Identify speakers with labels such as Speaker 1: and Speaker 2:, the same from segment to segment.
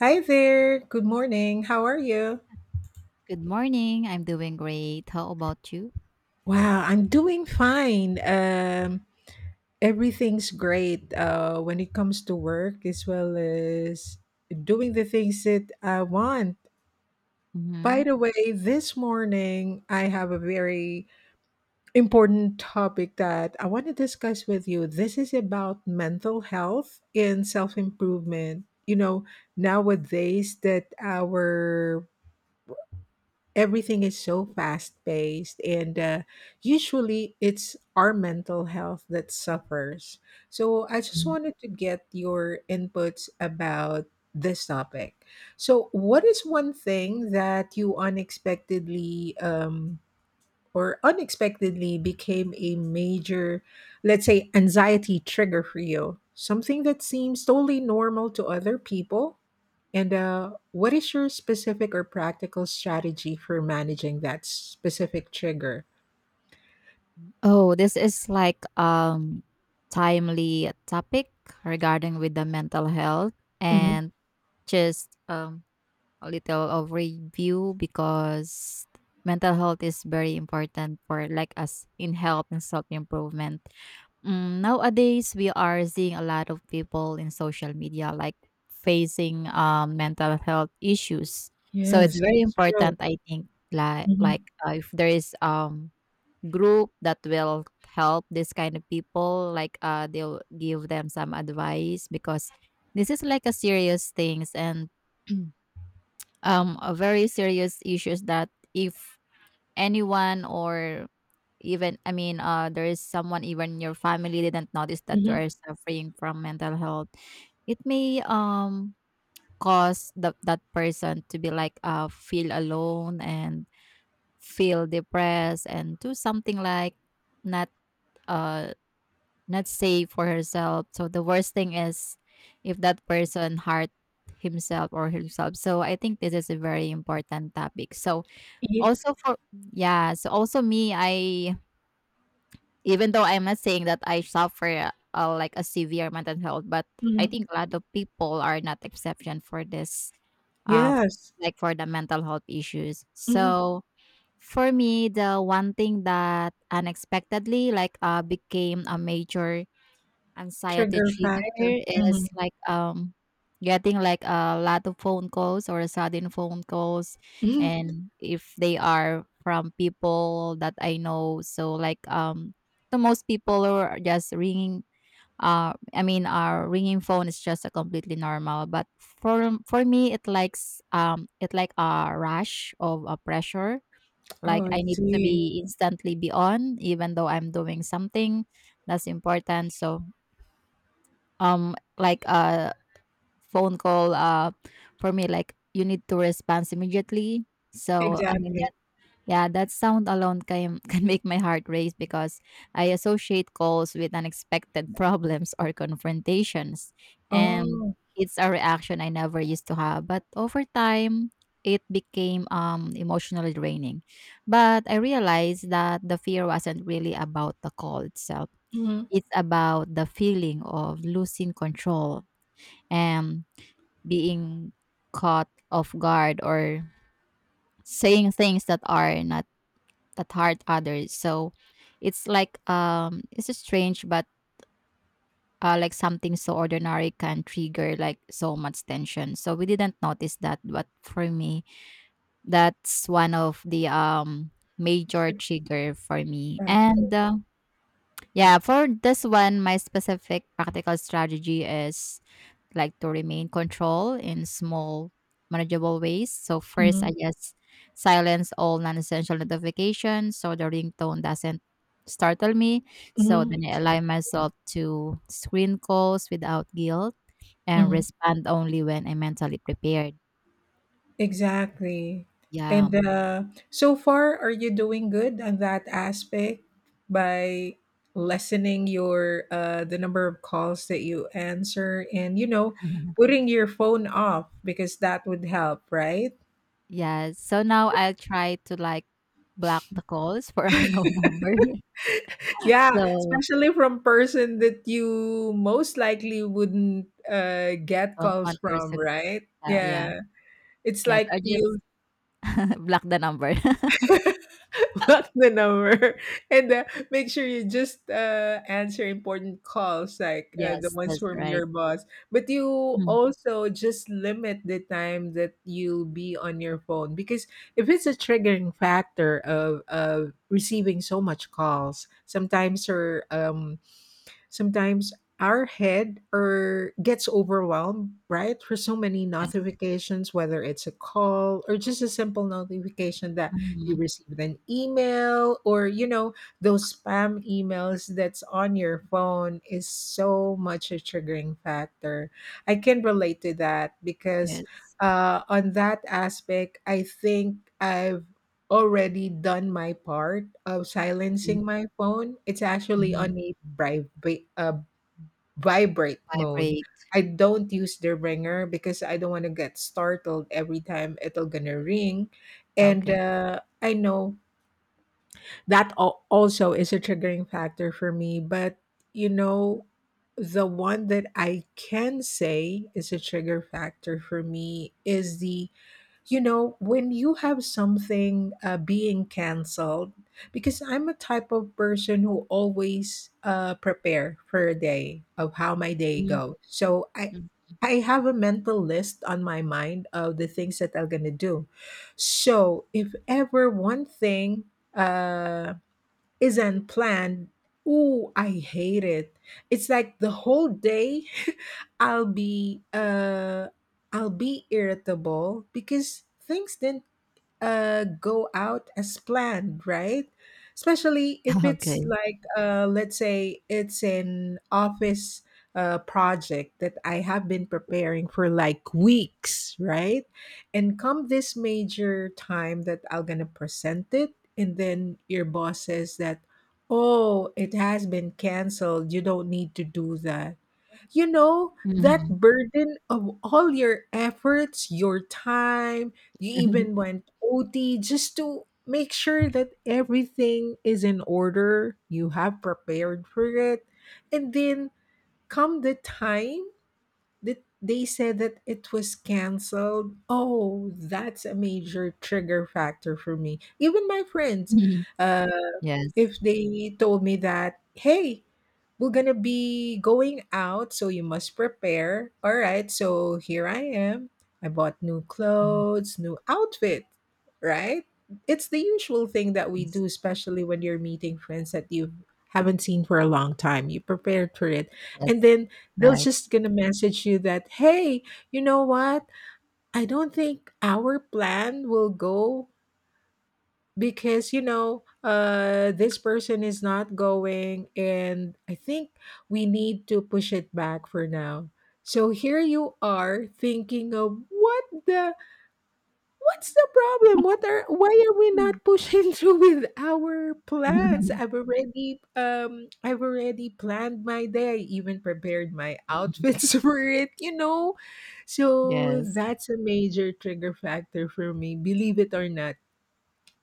Speaker 1: Hi there. Good morning. How are you?
Speaker 2: Good morning. I'm doing great. How about you?
Speaker 1: Wow, I'm doing fine. Everything's great when it comes to work as well as doing the things that I want.
Speaker 2: Mm-hmm.
Speaker 1: By the way, this morning I have a very important topic that I want to discuss with you. This is about mental health and self improvement. You know, nowadays that our everything is so fast paced and usually it's our mental health that suffers, so I just
Speaker 2: Mhm.
Speaker 1: wanted to get your inputs about this topic. So what is one thing that you unexpectedly became a major, let's say, anxiety trigger for you? Something that seems totally normal to other people? And what is your specific or practical strategy for managing that specific trigger?
Speaker 2: Oh, this is like timely topic regarding with the mental health,
Speaker 1: hmm
Speaker 2: and just a little of review because mental health is very important for like us in health and self improvement. Nowadays, we are seeing a lot of people in social media like facing mental health issues. So it's
Speaker 1: Yes.
Speaker 2: very
Speaker 1: So,
Speaker 2: important, I think, like
Speaker 1: mm-hmm.
Speaker 2: like uh, if there is group that will help this kind of people, like they'll give them some advice because this is like a serious things and a very serious issues that if anyone or even I mean, there is someone even your family didn't notice that
Speaker 1: hmm
Speaker 2: you
Speaker 1: hmm
Speaker 2: are suffering from mental health. It may cause that person to be like feel alone and feel depressed and do something like not uh not safe for herself. So the worst thing is if that person hurt himself or himself. So I think this is a very important topic. So
Speaker 1: Yeah.
Speaker 2: also for, yeah, so also me, I. Even though I'm not saying that I suffer, like a severe mental health, but I
Speaker 1: hmm
Speaker 2: think a lot of people are not exception for this, uh,
Speaker 1: yes,
Speaker 2: like for the mental health issues.
Speaker 1: hmm
Speaker 2: So for me, the one thing that unexpectedly like became a major anxiety
Speaker 1: trigger factor.
Speaker 2: trigger is like getting like a lot of phone calls or sudden phone calls,
Speaker 1: Hmm
Speaker 2: and if they are from people that I know, so like to most people are just ringing, I mean our ringing phone is just a completely normal, but for me it likes it like a rush of a pressure, like
Speaker 1: Oh, I
Speaker 2: I need to
Speaker 1: see.
Speaker 2: be instantly be on even though I'm doing something that's important. So like a phone call, for me like you need to respond immediately. So I mean
Speaker 1: Exactly.
Speaker 2: that, yeah, that sound alone can can make my heart race because I associate calls with unexpected problems or confrontations. And
Speaker 1: Oh,
Speaker 2: it's a reaction I never used to have, but over time it became emotionally draining. But I realized that the fear wasn't really about the call itself.
Speaker 1: hmm
Speaker 2: It's about the feeling of losing control, um, being caught off guard, or saying things that are not that hurt others. So it's like it's strange, but like something so ordinary can trigger like so much tension. So we didn't notice that, but for me, that's one of the major
Speaker 1: trigger
Speaker 2: trigger for me.
Speaker 1: factor.
Speaker 2: And yeah, for this one, my specific practical strategy is like to remain control in small, manageable ways. So
Speaker 1: hmm
Speaker 2: first, I just silence all non-essential notifications so the ringtone doesn't startle me. So
Speaker 1: hmm
Speaker 2: then I align myself to screen calls without guilt and
Speaker 1: Mhm.
Speaker 2: respond only when I'm mentally prepared.
Speaker 1: Exactly.
Speaker 2: Yeah.
Speaker 1: And so far, are you doing good on that aspect by lessening your the number of calls that you answer, and putting your phone off, because that would help, right?
Speaker 2: Yeah. So now I'll try to like block the calls for unknown number.
Speaker 1: Yeah,
Speaker 2: So
Speaker 1: especially from person that you most likely wouldn't get
Speaker 2: don't
Speaker 1: calls
Speaker 2: want to
Speaker 1: from,
Speaker 2: receive.
Speaker 1: right?
Speaker 2: Yeah.
Speaker 1: Yeah, it's
Speaker 2: Yes.
Speaker 1: like
Speaker 2: I just
Speaker 1: you
Speaker 2: block the number.
Speaker 1: block the number. And make sure you just answer important calls like the
Speaker 2: Yes.
Speaker 1: ones
Speaker 2: That's
Speaker 1: from
Speaker 2: right.
Speaker 1: your boss, but you
Speaker 2: Mm,
Speaker 1: also just limit the time that you'll be on your phone, because if it's a triggering factor of receiving so much calls sometimes, or sometimes our head or gets overwhelmed, right? For so many
Speaker 2: yes.
Speaker 1: notifications, whether it's a call or just a simple notification that you
Speaker 2: Mhm.
Speaker 1: received an email, or you know, those spam emails that's on your phone is so much a triggering factor. I can relate to that because
Speaker 2: Yes.
Speaker 1: on that aspect, I think I've already done my part of
Speaker 2: Mhm,
Speaker 1: silencing my phone. It's actually
Speaker 2: mhm.
Speaker 1: on a vibrate mode.
Speaker 2: Vibrate.
Speaker 1: I don't use the ringer because I don't want to get startled every time it'll gonna ring, and
Speaker 2: Okay.
Speaker 1: I know that also is a triggering factor for me. But you know, the one that I can say is a trigger factor for me is the, you know, when you have something being canceled, because I'm a type of person who always prepare for a day of how my day
Speaker 2: Mhm,
Speaker 1: goes, so i
Speaker 2: mm.
Speaker 1: i have a mental list on my mind of the things that I'm going to do. So if ever one thing uh, isn't planned, ooh, I hate it. It's like the whole day I'll be uh, I'll be irritable because things didn't go out as planned, right? Especially if it's
Speaker 2: Okay.
Speaker 1: like, let's say, it's an office project that I have been preparing for like weeks, right? And come this major time that I'm gonna present it, and then your boss says that, oh, it has been canceled. You don't need to do that, you know, that
Speaker 2: Mhm.
Speaker 1: burden of all your efforts, your time, you even
Speaker 2: Mhm.
Speaker 1: went OT just to make sure that everything is in order, you have prepared for it. And then come the time that they said that it was canceled, oh, that's a major trigger factor for me. Even my friends, uh.
Speaker 2: Yes.
Speaker 1: If they told me that, "Hey, we're gonna be going out, so you must prepare." All right, so here I am. I bought new
Speaker 2: Mhm.
Speaker 1: clothes, new outfit, right? It's the usual thing that we
Speaker 2: Yes.
Speaker 1: do, especially when you're meeting friends that you haven't seen for a long time. You prepared for it. And
Speaker 2: Yes.
Speaker 1: then they'll
Speaker 2: Right.
Speaker 1: just gonna message you that, hey, you know what? I don't think our plan will go because, you know, uh, this person is not going, and I think we need to push it back for now. So here you are thinking of what the, what's the problem, what are, why are we
Speaker 2: Mm.
Speaker 1: not pushing through with our plans? i've already um i've already planned my day, I even prepared my
Speaker 2: Mhm.
Speaker 1: outfits for it, you know. So
Speaker 2: Yes.
Speaker 1: that's a major trigger factor for me, believe it or not.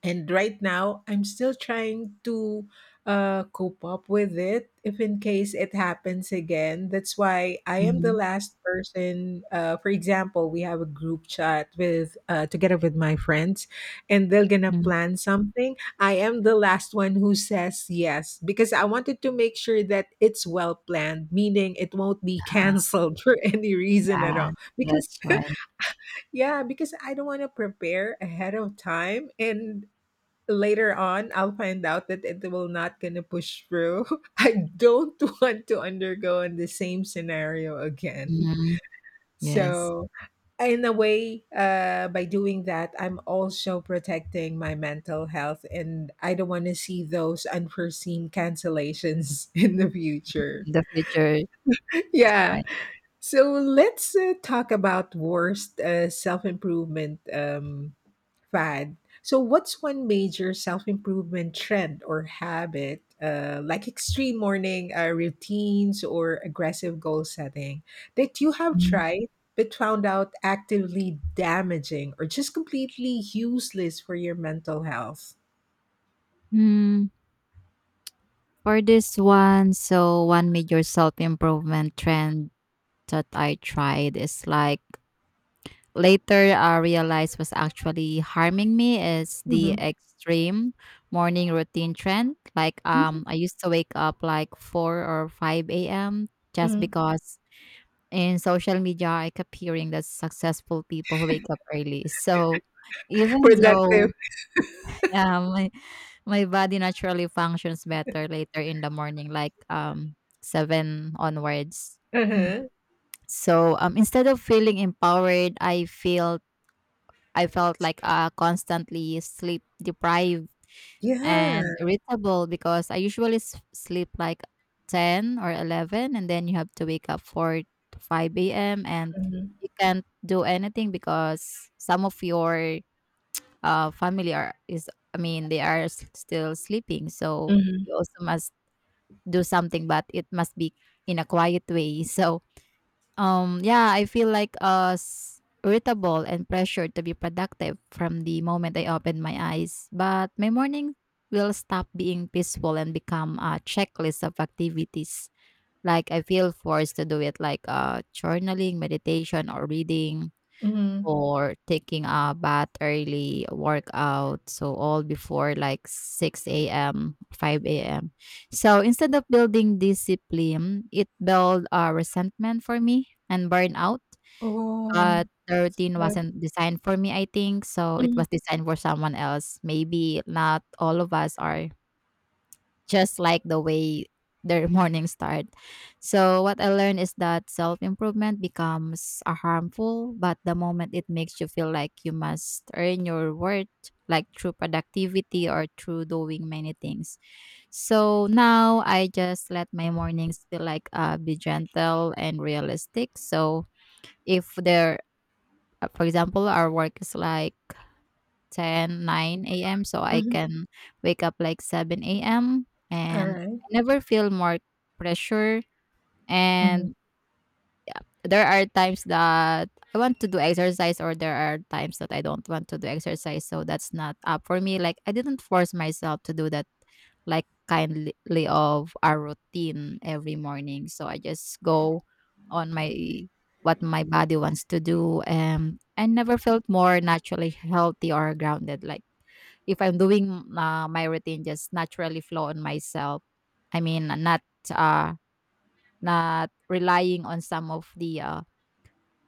Speaker 1: And right now, I'm still trying to cope up with it if in case it happens again. That's why I am the
Speaker 2: Mhm.
Speaker 1: last person. For example, we have a group chat with together with my friends, and they're gonna
Speaker 2: Mm.
Speaker 1: plan something. I am the last one who says yes because I wanted to make sure that it's well planned, meaning it won't be canceled for any reason at
Speaker 2: Yeah.
Speaker 1: all. Because
Speaker 2: That's right.
Speaker 1: yeah, because I don't want to prepare ahead of time and later on I'll find out that it will not gonna push through. I don't want to undergo in the same scenario again.
Speaker 2: Mhm. Yes.
Speaker 1: So in a way, by doing that, I'm also protecting my mental health, and I don't want to see those unforeseen cancellations in the future.
Speaker 2: In the future. That's
Speaker 1: Yeah.
Speaker 2: right.
Speaker 1: So let's talk about worst self improvement fad. So, what's one major self improvement trend or habit, like extreme morning routines or aggressive goal setting, that you have
Speaker 2: Mm.
Speaker 1: tried but found out actively damaging or just completely useless for your mental health?
Speaker 2: Mm, For this one, so one major self-improvement trend that I tried is like later I realized was actually harming me is the
Speaker 1: Mhm.
Speaker 2: extreme morning routine trend. Like
Speaker 1: Mhm.
Speaker 2: I used to wake up like 4 or 5 AM just
Speaker 1: Mhm.
Speaker 2: because in social media I kept hearing that successful people wake up early. So even
Speaker 1: Productive.
Speaker 2: though um my, my body naturally functions better later in the morning, like seven onwards. Mm.
Speaker 1: Uh-huh.
Speaker 2: So instead of feeling empowered, I felt like constantly sleep deprived
Speaker 1: Yeah.
Speaker 2: and irritable because I usually sleep like 10 or 11, and then you have to wake up 4 to 5 a.m. and
Speaker 1: Mhm.
Speaker 2: you can't do anything because some of your family are is, I mean they are still sleeping, so
Speaker 1: Mhm.
Speaker 2: you also must do something, but it must be in a quiet way. So yeah, I feel like irritable and pressured to be productive from the moment I open my eyes. But my morning will stop being peaceful and become a checklist of activities. Like I feel forced to do it like journaling, meditation, or reading,
Speaker 1: Mm-hmm.
Speaker 2: or taking a bath early, workout, so all before like 6 a.m., 5 a.m. So instead of building discipline, it built resentment for me and burnout.
Speaker 1: Oh.
Speaker 2: But the
Speaker 1: That's
Speaker 2: routine
Speaker 1: good.
Speaker 2: wasn't designed for me, I think. So it
Speaker 1: Mhm.
Speaker 2: was designed for someone else. Maybe not all of us are just like the way their morning start. So what I learned is that self-improvement becomes a harmful, but the moment it makes you feel like you must earn your worth, like through productivity or through doing many things. So now I just let my mornings feel like be gentle and realistic. So if there, for example, our work is like 10 9 AM, so I
Speaker 1: Mhm.
Speaker 2: can wake up like 7 AM,
Speaker 1: All
Speaker 2: and
Speaker 1: right.
Speaker 2: I never feel more pressure, and there are times that I want to do exercise or there are times that I don't want to do exercise. So that's not up for me. Like I didn't force myself to do that like kindly of our routine every morning. So I just go on my what my body wants to do. And I never felt more naturally healthy or grounded. Like if I'm doing my routine just naturally flow on myself. I mean, not uh, not relying on some of the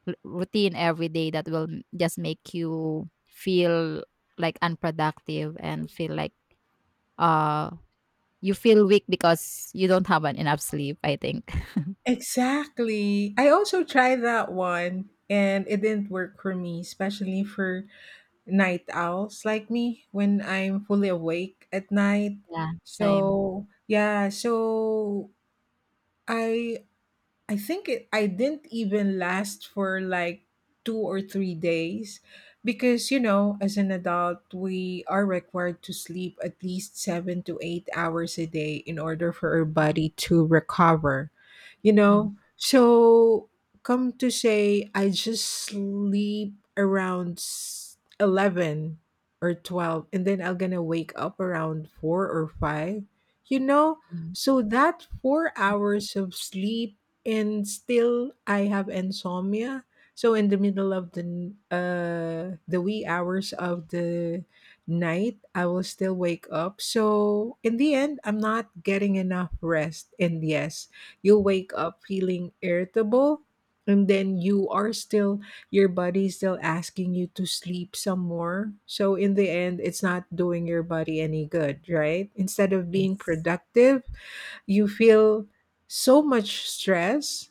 Speaker 2: routine every day that will just make you feel like unproductive and feel like uh you feel weak because you don't have an enough sleep, I think.
Speaker 1: Exactly. I also tried that one and it didn't work for me, especially for night owls like me when I'm fully awake at night.
Speaker 2: Yeah, same.
Speaker 1: So, yeah, so I I think it, I didn't even last for like 2 or 3 days because, you know, as an adult, we are required to sleep at least 7 to 8 hours a day in order for our body to recover, you know? So, come to say, I just sleep around 11 or 12, and then I'm gonna wake up around four or five, you know?
Speaker 2: Mhm.
Speaker 1: So that 4 hours of sleep, and still I have insomnia. So in the middle of the the wee hours of the night, I will still wake up. So in the end, I'm not getting enough rest. And yes, you wake up feeling irritable, and then you are still, your body is still asking you to sleep some more. So in the end, it's not doing your body any good, right? Instead of being
Speaker 2: Yes.
Speaker 1: productive, you feel so much stress,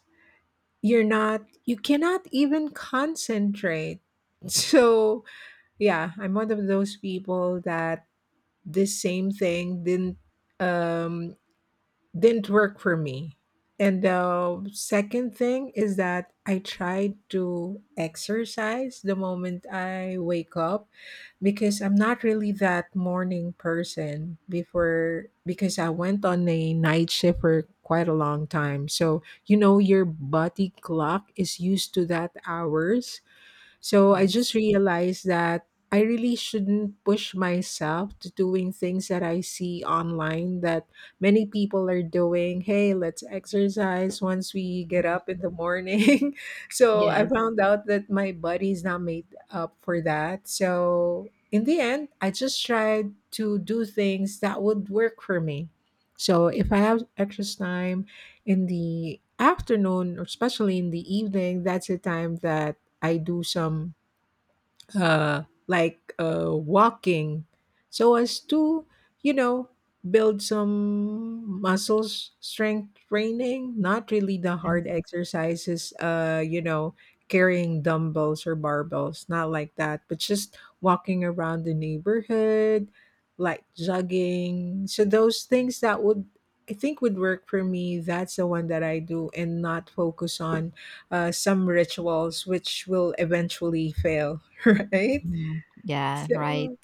Speaker 1: you're not, you cannot even concentrate. So yeah, I'm one of those people that this same thing um didn't work for me. And the second thing is that I try to exercise the moment I wake up, because I'm not really that morning person before, because I went on a night shift for quite a long time. So, you know, your body clock is used to that hours, so I just
Speaker 2: Yes.
Speaker 1: realized that I really shouldn't push myself to doing things that I see online that many people are doing. Hey, let's exercise once we get up in the morning. So I
Speaker 2: Yes.
Speaker 1: found out that my body's not made up for that. So in the end, I just tried to do things that would work for me. So if I have extra time in the afternoon, or especially in the evening, that's a time that I do some walking, so as to, you know, build some muscles, strength training, not really the hard
Speaker 2: Yes.
Speaker 1: exercises, uh, you know, carrying dumbbells or barbells, not like that, but just walking around the neighborhood, like jogging. So those things that would, I think, would work for me, that's the one that I do, and not focus on some rituals which will eventually fail. Right?
Speaker 2: Mhm. Yeah, right.
Speaker 1: So,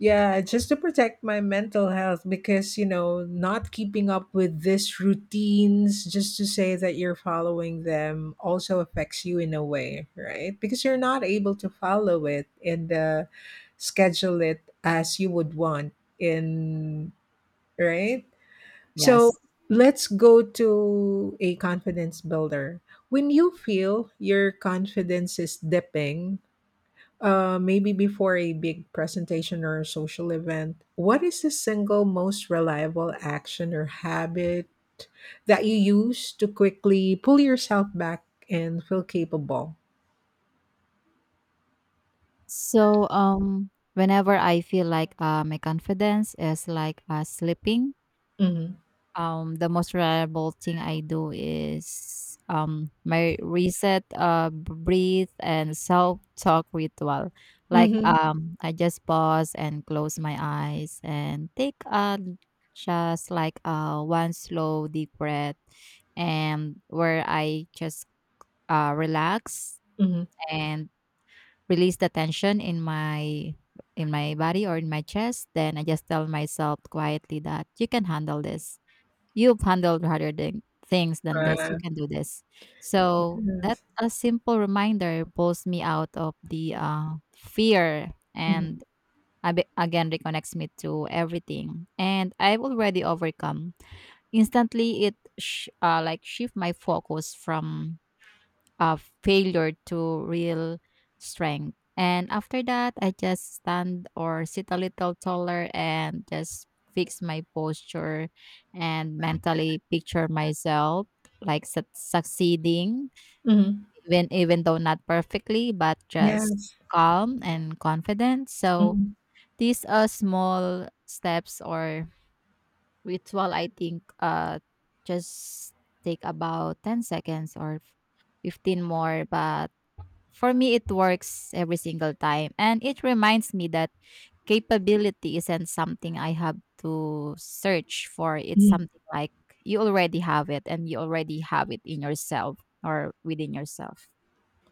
Speaker 1: yeah, just to protect my mental health, because, you know, not keeping up with these routines just to say that you're following them also affects you in a way, right? Because you're not able to follow it and schedule it as you would want in, right? So,
Speaker 2: Yes.
Speaker 1: let's go to a confidence builder. When you feel your confidence is dipping, maybe before a big presentation or a social event, what is the single most reliable action or habit that you use to quickly pull yourself back and feel capable?
Speaker 2: So whenever I feel like my confidence is like slipping,
Speaker 1: Mm-hmm.
Speaker 2: The most reliable thing I do is my reset, breathe, and self-talk ritual. Like
Speaker 1: Mm-hmm.
Speaker 2: I just pause and close my eyes and take a, just like one slow deep breath, and where I just relax
Speaker 1: Mm-hmm.
Speaker 2: and release the tension in my body or in my chest. Then I just tell myself quietly that you can handle this. You've handled rather than things than this. You
Speaker 1: Uh,
Speaker 2: can do this. So that
Speaker 1: yes.
Speaker 2: a simple reminder pulls me out of the fear
Speaker 1: Mm-hmm.
Speaker 2: and again reconnects me to everything. And I've already overcome. Instantly, it like shift my focus from of failure to real strength. And after that, I just stand or sit a little taller and just fix my posture and mentally picture myself like succeeding,
Speaker 1: Mm-hmm.
Speaker 2: even though not perfectly but just
Speaker 1: Yes.
Speaker 2: calm and confident, so
Speaker 1: Mm-hmm.
Speaker 2: these are small steps or ritual, I think, just take about 10 seconds or 15 more, but for me, it works every single time. And it reminds me that capability isn't something I have to search for. It's something like you already have it and you already have it in yourself or within yourself.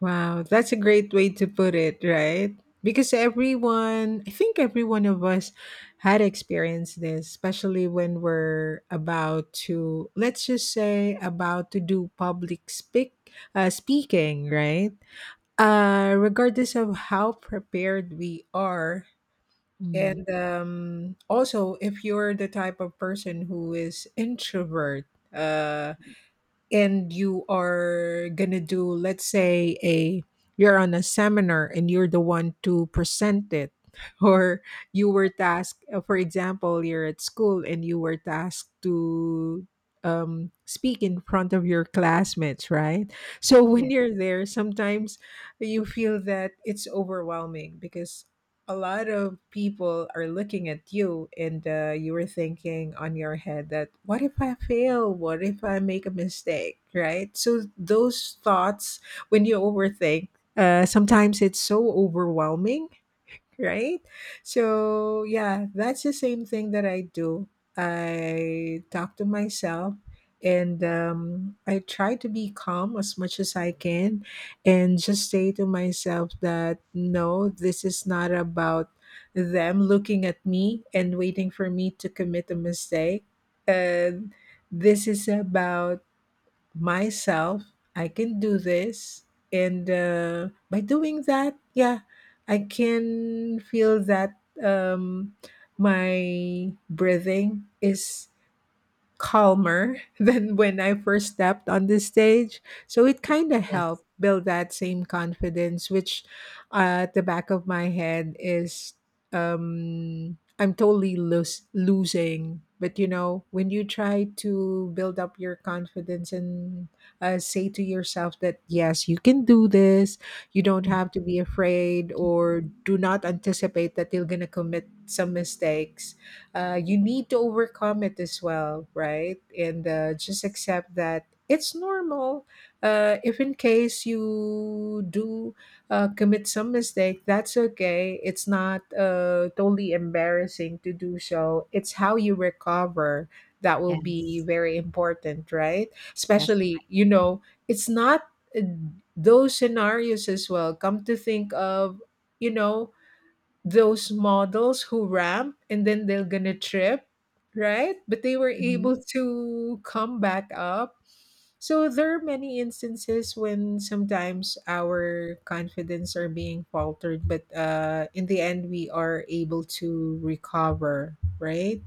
Speaker 1: Wow, that's a great way to put it, right? Because everyone, I think every one of us had experienced this, especially when we're about to, let's just say, about to do public speaking, right? Regardless of how prepared we are.
Speaker 2: Mm.
Speaker 1: And also, if you're the type of person who is introvert, uh, and you are gonna do, let's say, a you're on a seminar and you're the one to present it or you were tasked, for example, you're at school and you were tasked to speak in front of your classmates, right? So when
Speaker 2: Yes.
Speaker 1: you're there, sometimes you feel that it's overwhelming because a lot of people are looking at you, and you were thinking on your head that, what if I fail, what if I make a mistake, right? So those thoughts, when you overthink, sometimes it's so overwhelming, right? So, yeah, that's the same thing that I do. I talk to myself, and I try to be calm as much as I can and just say to myself that no, this is not about them looking at me and waiting for me to commit a mistake. Uh, this is about myself. I can do this. And by doing that, yeah, I can feel that, um, my breathing is calmer than when I first stepped on the stage. So it kind of
Speaker 2: Yes.
Speaker 1: helped build that same confidence, which, at the back of my head is, I'm totally losing. But you know, when you try to build up your confidence and, say to yourself that yes, you can do this, you don't
Speaker 2: Yes.
Speaker 1: have to be afraid, or do not anticipate that you're going to commit some mistakes. You need to overcome it as well, right? And just
Speaker 2: Yes.
Speaker 1: accept that it's normal. If in case you do commit some mistake, that's okay. It's not totally embarrassing to do so. It's how you recover that will be
Speaker 2: Yes.
Speaker 1: very important, right? Especially, you know, it's not uh, those scenarios as well. Come to think of, you know, those models who ramp and then they're gonna trip, right? But they were
Speaker 2: Mhm.
Speaker 1: able to come back up. So there are many instances when sometimes our confidence are being faltered, but in the end we are able to recover, right?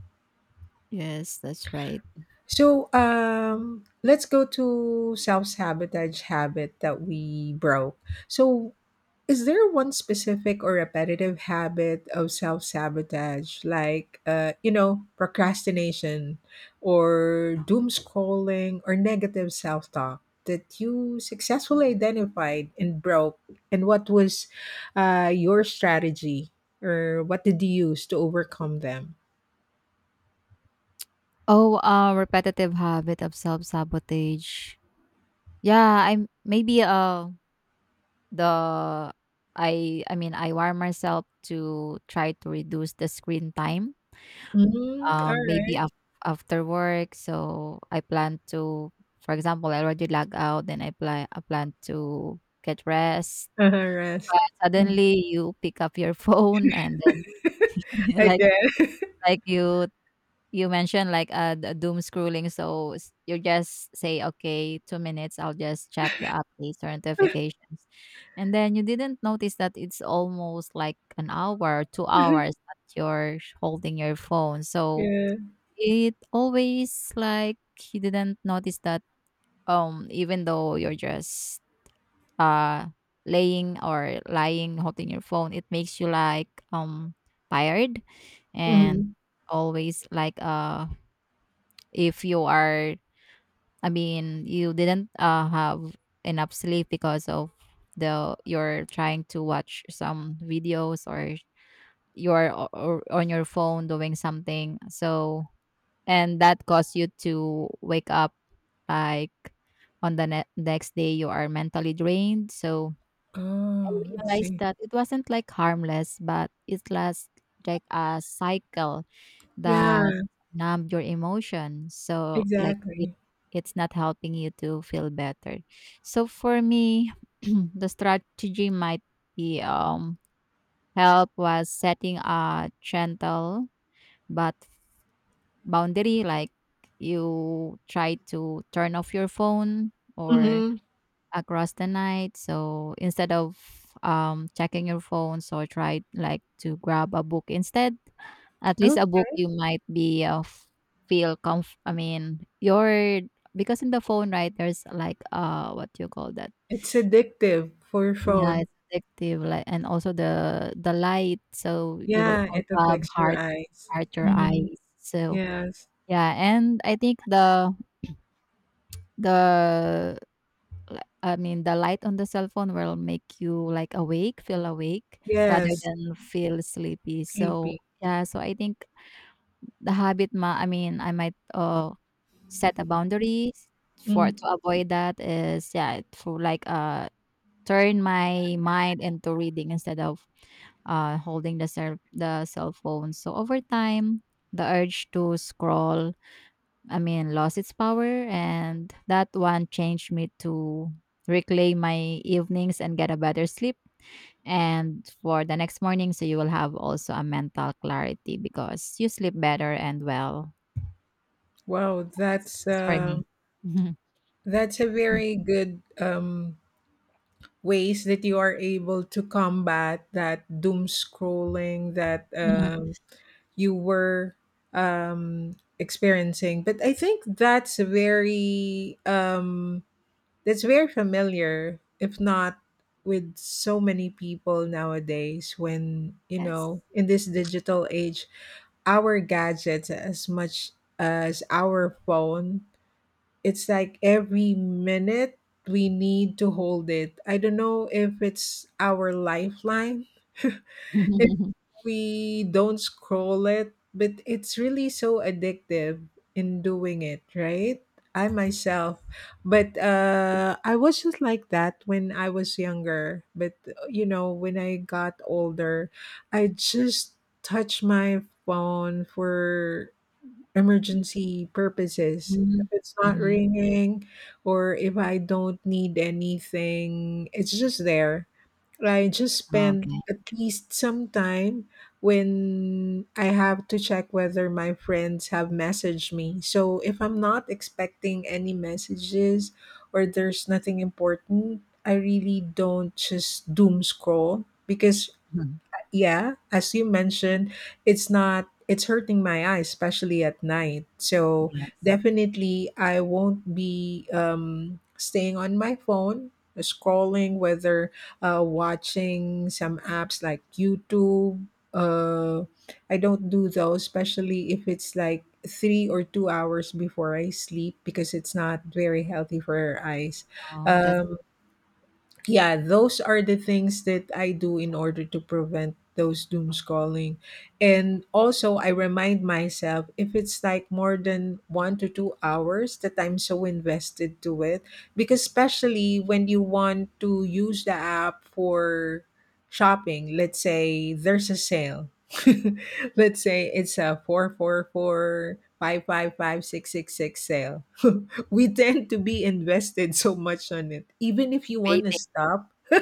Speaker 2: Yes, that's right.
Speaker 1: So let's go to self sabotage habit that we broke. So is there one specific or repetitive habit of self sabotage, like, you know, procrastination or doom scrolling or negative self talk that you successfully identified and broke? And what was your strategy, or what did you use to overcome them?
Speaker 2: Oh, repetitive habit of self-sabotage. Yeah, I'm maybe the, I mean I wire myself to try to reduce the screen time.
Speaker 1: Mm, all
Speaker 2: Maybe
Speaker 1: right.
Speaker 2: after work, so I plan to, for example, I already log out, then I plan to get rest.
Speaker 1: Uh-huh, rest.
Speaker 2: But suddenly you pick up your phone and then
Speaker 1: I
Speaker 2: like
Speaker 1: guess.
Speaker 2: like you. You mentioned like the doom scrolling, so you just say, "Okay, 2 minutes. I'll just check the updates or notifications," and then you didn't notice that it's almost like an hour, two hours that you're holding your phone. So
Speaker 1: Yeah.
Speaker 2: it always like you didn't notice that. Even though you're just uh laying or lying holding your phone, it makes you like tired, and
Speaker 1: Hmm.
Speaker 2: always like if you are, I mean you didn't have enough sleep because of the you're trying to watch some videos or you're on your phone doing something. So and that caused you to wake up like on the next day you are mentally drained, so I
Speaker 1: Oh, I
Speaker 2: realized
Speaker 1: see.
Speaker 2: that it wasn't like harmless, but it was like a cycle
Speaker 1: Yeah,
Speaker 2: that numb your emotions. So like
Speaker 1: exactly.
Speaker 2: it's not helping you to feel better. So for me, the strategy might be help was setting a gentle but boundary, like you try to turn off your phone or
Speaker 1: Mhm.
Speaker 2: across the night. So instead of checking your phone, so try like to grab a book instead, at least
Speaker 1: Oh,
Speaker 2: a book you might be, feel comf I mean, your, because in the phone, right, there's like, what you call that?
Speaker 1: it's addictive for
Speaker 2: Yeah,
Speaker 1: phone.
Speaker 2: it's addictive, like, and also the light, so you will
Speaker 1: Yeah, it
Speaker 2: also have
Speaker 1: affects your eyes.
Speaker 2: hurt your
Speaker 1: Mhm.
Speaker 2: eyes. So,
Speaker 1: Yes.
Speaker 2: yeah, and I think the I mean, the light on the cell phone will make you, like, awake, feel awake rather
Speaker 1: Yes.
Speaker 2: than feel sleepy. So,
Speaker 1: Sleepy.
Speaker 2: yeah, so I think the habit ma I mean, I might, set a boundaries for to
Speaker 1: Mhm.
Speaker 2: avoid that is, yeah, for like turn my mind into reading instead of holding the cell phone, so over time the urge to scroll, I mean, lost its power, and that one changed me to reclaim my evenings and get a better sleep, and for the next morning so you will have also a mental clarity because you sleep better and well.
Speaker 1: Wow,
Speaker 2: that's, that's for me.
Speaker 1: that's a very good, ways that you are able to combat that doom scrolling that, you were, um, experiencing. But I think that's a very, that's very familiar, if not with so many people nowadays when, you
Speaker 2: Yes.
Speaker 1: know, in this digital age, our gadgets as much as our phone, it's like every minute we need to hold it. I don't know if it's our lifeline if we don't scroll it, but it's really so addictive in doing it, right? I myself,
Speaker 2: Yes.
Speaker 1: but I was just like that when I was younger. But you know, when I got older, I just touch my phone for emergency purposes. If
Speaker 2: Mhm.
Speaker 1: it's not
Speaker 2: Mhm.
Speaker 1: ringing, or if I don't need anything, it's just there. I just spend
Speaker 2: Okay.
Speaker 1: at least some time when I have to check whether my friends have messaged me. So if I'm not expecting any messages or there's nothing important, I really don't just doom scroll because,
Speaker 2: Mhm.
Speaker 1: yeah, as you mentioned, it's not it's hurting my eyes, especially at night. So
Speaker 2: Yes.
Speaker 1: definitely, I won't be, staying on my phone, scrolling, whether, watching some apps like YouTube. Uh, I don't do those, especially if it's like 3 or 2 hours before I sleep, because it's not very healthy for our eyes.
Speaker 2: Oh, that's
Speaker 1: Um, yeah, those are the things that I do in order to prevent those doom scrolling. And also, I remind myself if it's like more than 1 to 2 hours that I'm so invested to it, because especially when you want to use the app for shopping, let's say there's a sale. Let's say it's a 4.4.4, 5.5.5, 6.6.6 sale. We tend to be invested so much on it. Even if you want to
Speaker 2: baiting.
Speaker 1: stop,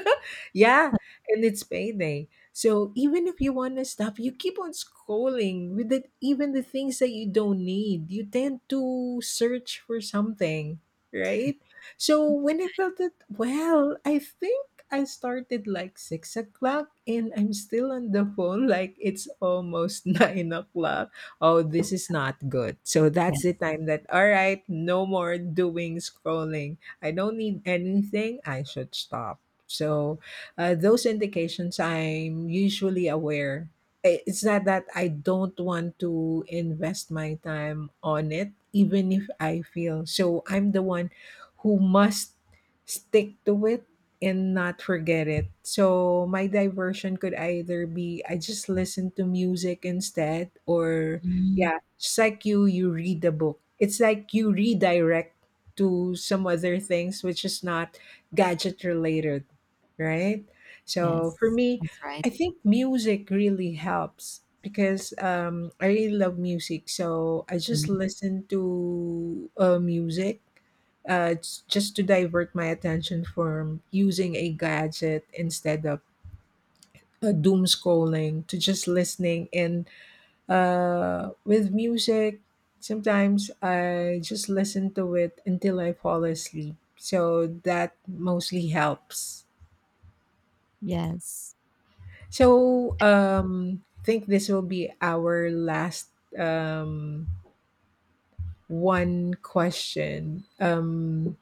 Speaker 1: yeah, and it's payday. So even if you want to stop, you keep on scrolling with the, even the things that you don't need. You tend to search for something, right? So when I felt it, well, I think I started like 6 o'clock and I'm still on the phone like it's almost 9 o'clock. Oh, this is not good. So
Speaker 2: Yes.
Speaker 1: that's
Speaker 2: Yes.
Speaker 1: the time that, all right, no more doing scrolling. I don't need anything. I should stop. So those indications I'm usually aware. It's not that I don't want to invest my time on it, even if I feel. So I'm the one who must stick to it and not forget it. So my diversion could either be I just listen to music instead, or
Speaker 2: Mm.
Speaker 1: yeah, it's like you read the book. It's like you redirect to some other things which is not gadget related, right? So for
Speaker 2: Yes.
Speaker 1: me,
Speaker 2: That's right.
Speaker 1: I think music really helps because, I really love music. So I just
Speaker 2: Mm.
Speaker 1: listen to, music, it's just to divert my attention from using a gadget instead of, doom scrolling to just listening, and with music, sometimes I just listen to it until I fall asleep. So that mostly helps.
Speaker 2: Yes.
Speaker 1: So I think this will be our last, um, one question.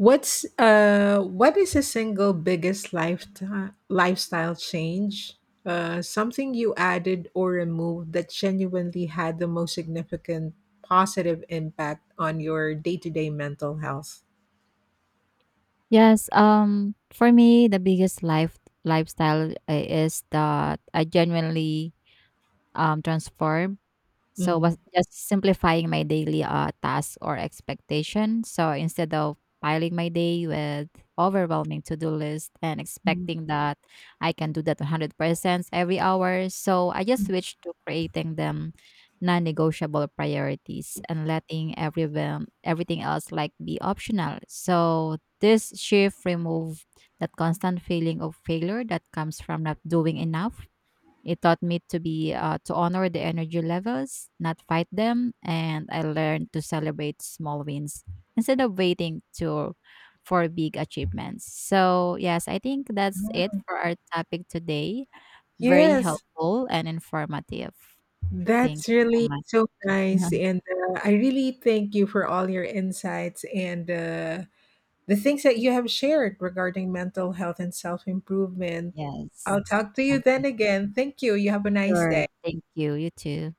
Speaker 1: What's what is a single biggest lifetime lifestyle change? Something you added or removed that genuinely had the most significant positive impact on your day-to-day mental health.
Speaker 2: Yes, for me, the biggest lifestyle is that I genuinely transform. So was
Speaker 1: Mhm.
Speaker 2: just simplifying my daily task or expectation. So instead of piling my day with overwhelming to-do list and expecting that I can do that 100% every hour, so I just switched to creating them non-negotiable priorities and letting everyone everything else like be optional. So this shift remove that constant feeling of failure that comes from not doing enough. It taught me to be, to honor the energy levels, not fight them, and I learned to celebrate small wins instead of waiting to for big achievements. So yes, I think that's it for our topic today. Very
Speaker 1: Yes,
Speaker 2: helpful and informative. Thank
Speaker 1: that's
Speaker 2: you so
Speaker 1: really
Speaker 2: much.
Speaker 1: so nice, and I really thank you for all your insights and the things that you have shared regarding mental health and self improvement.
Speaker 2: Yes.
Speaker 1: I'll talk to you then again. Thank you. You have a nice
Speaker 2: Sure.
Speaker 1: day.
Speaker 2: Thank you. You too.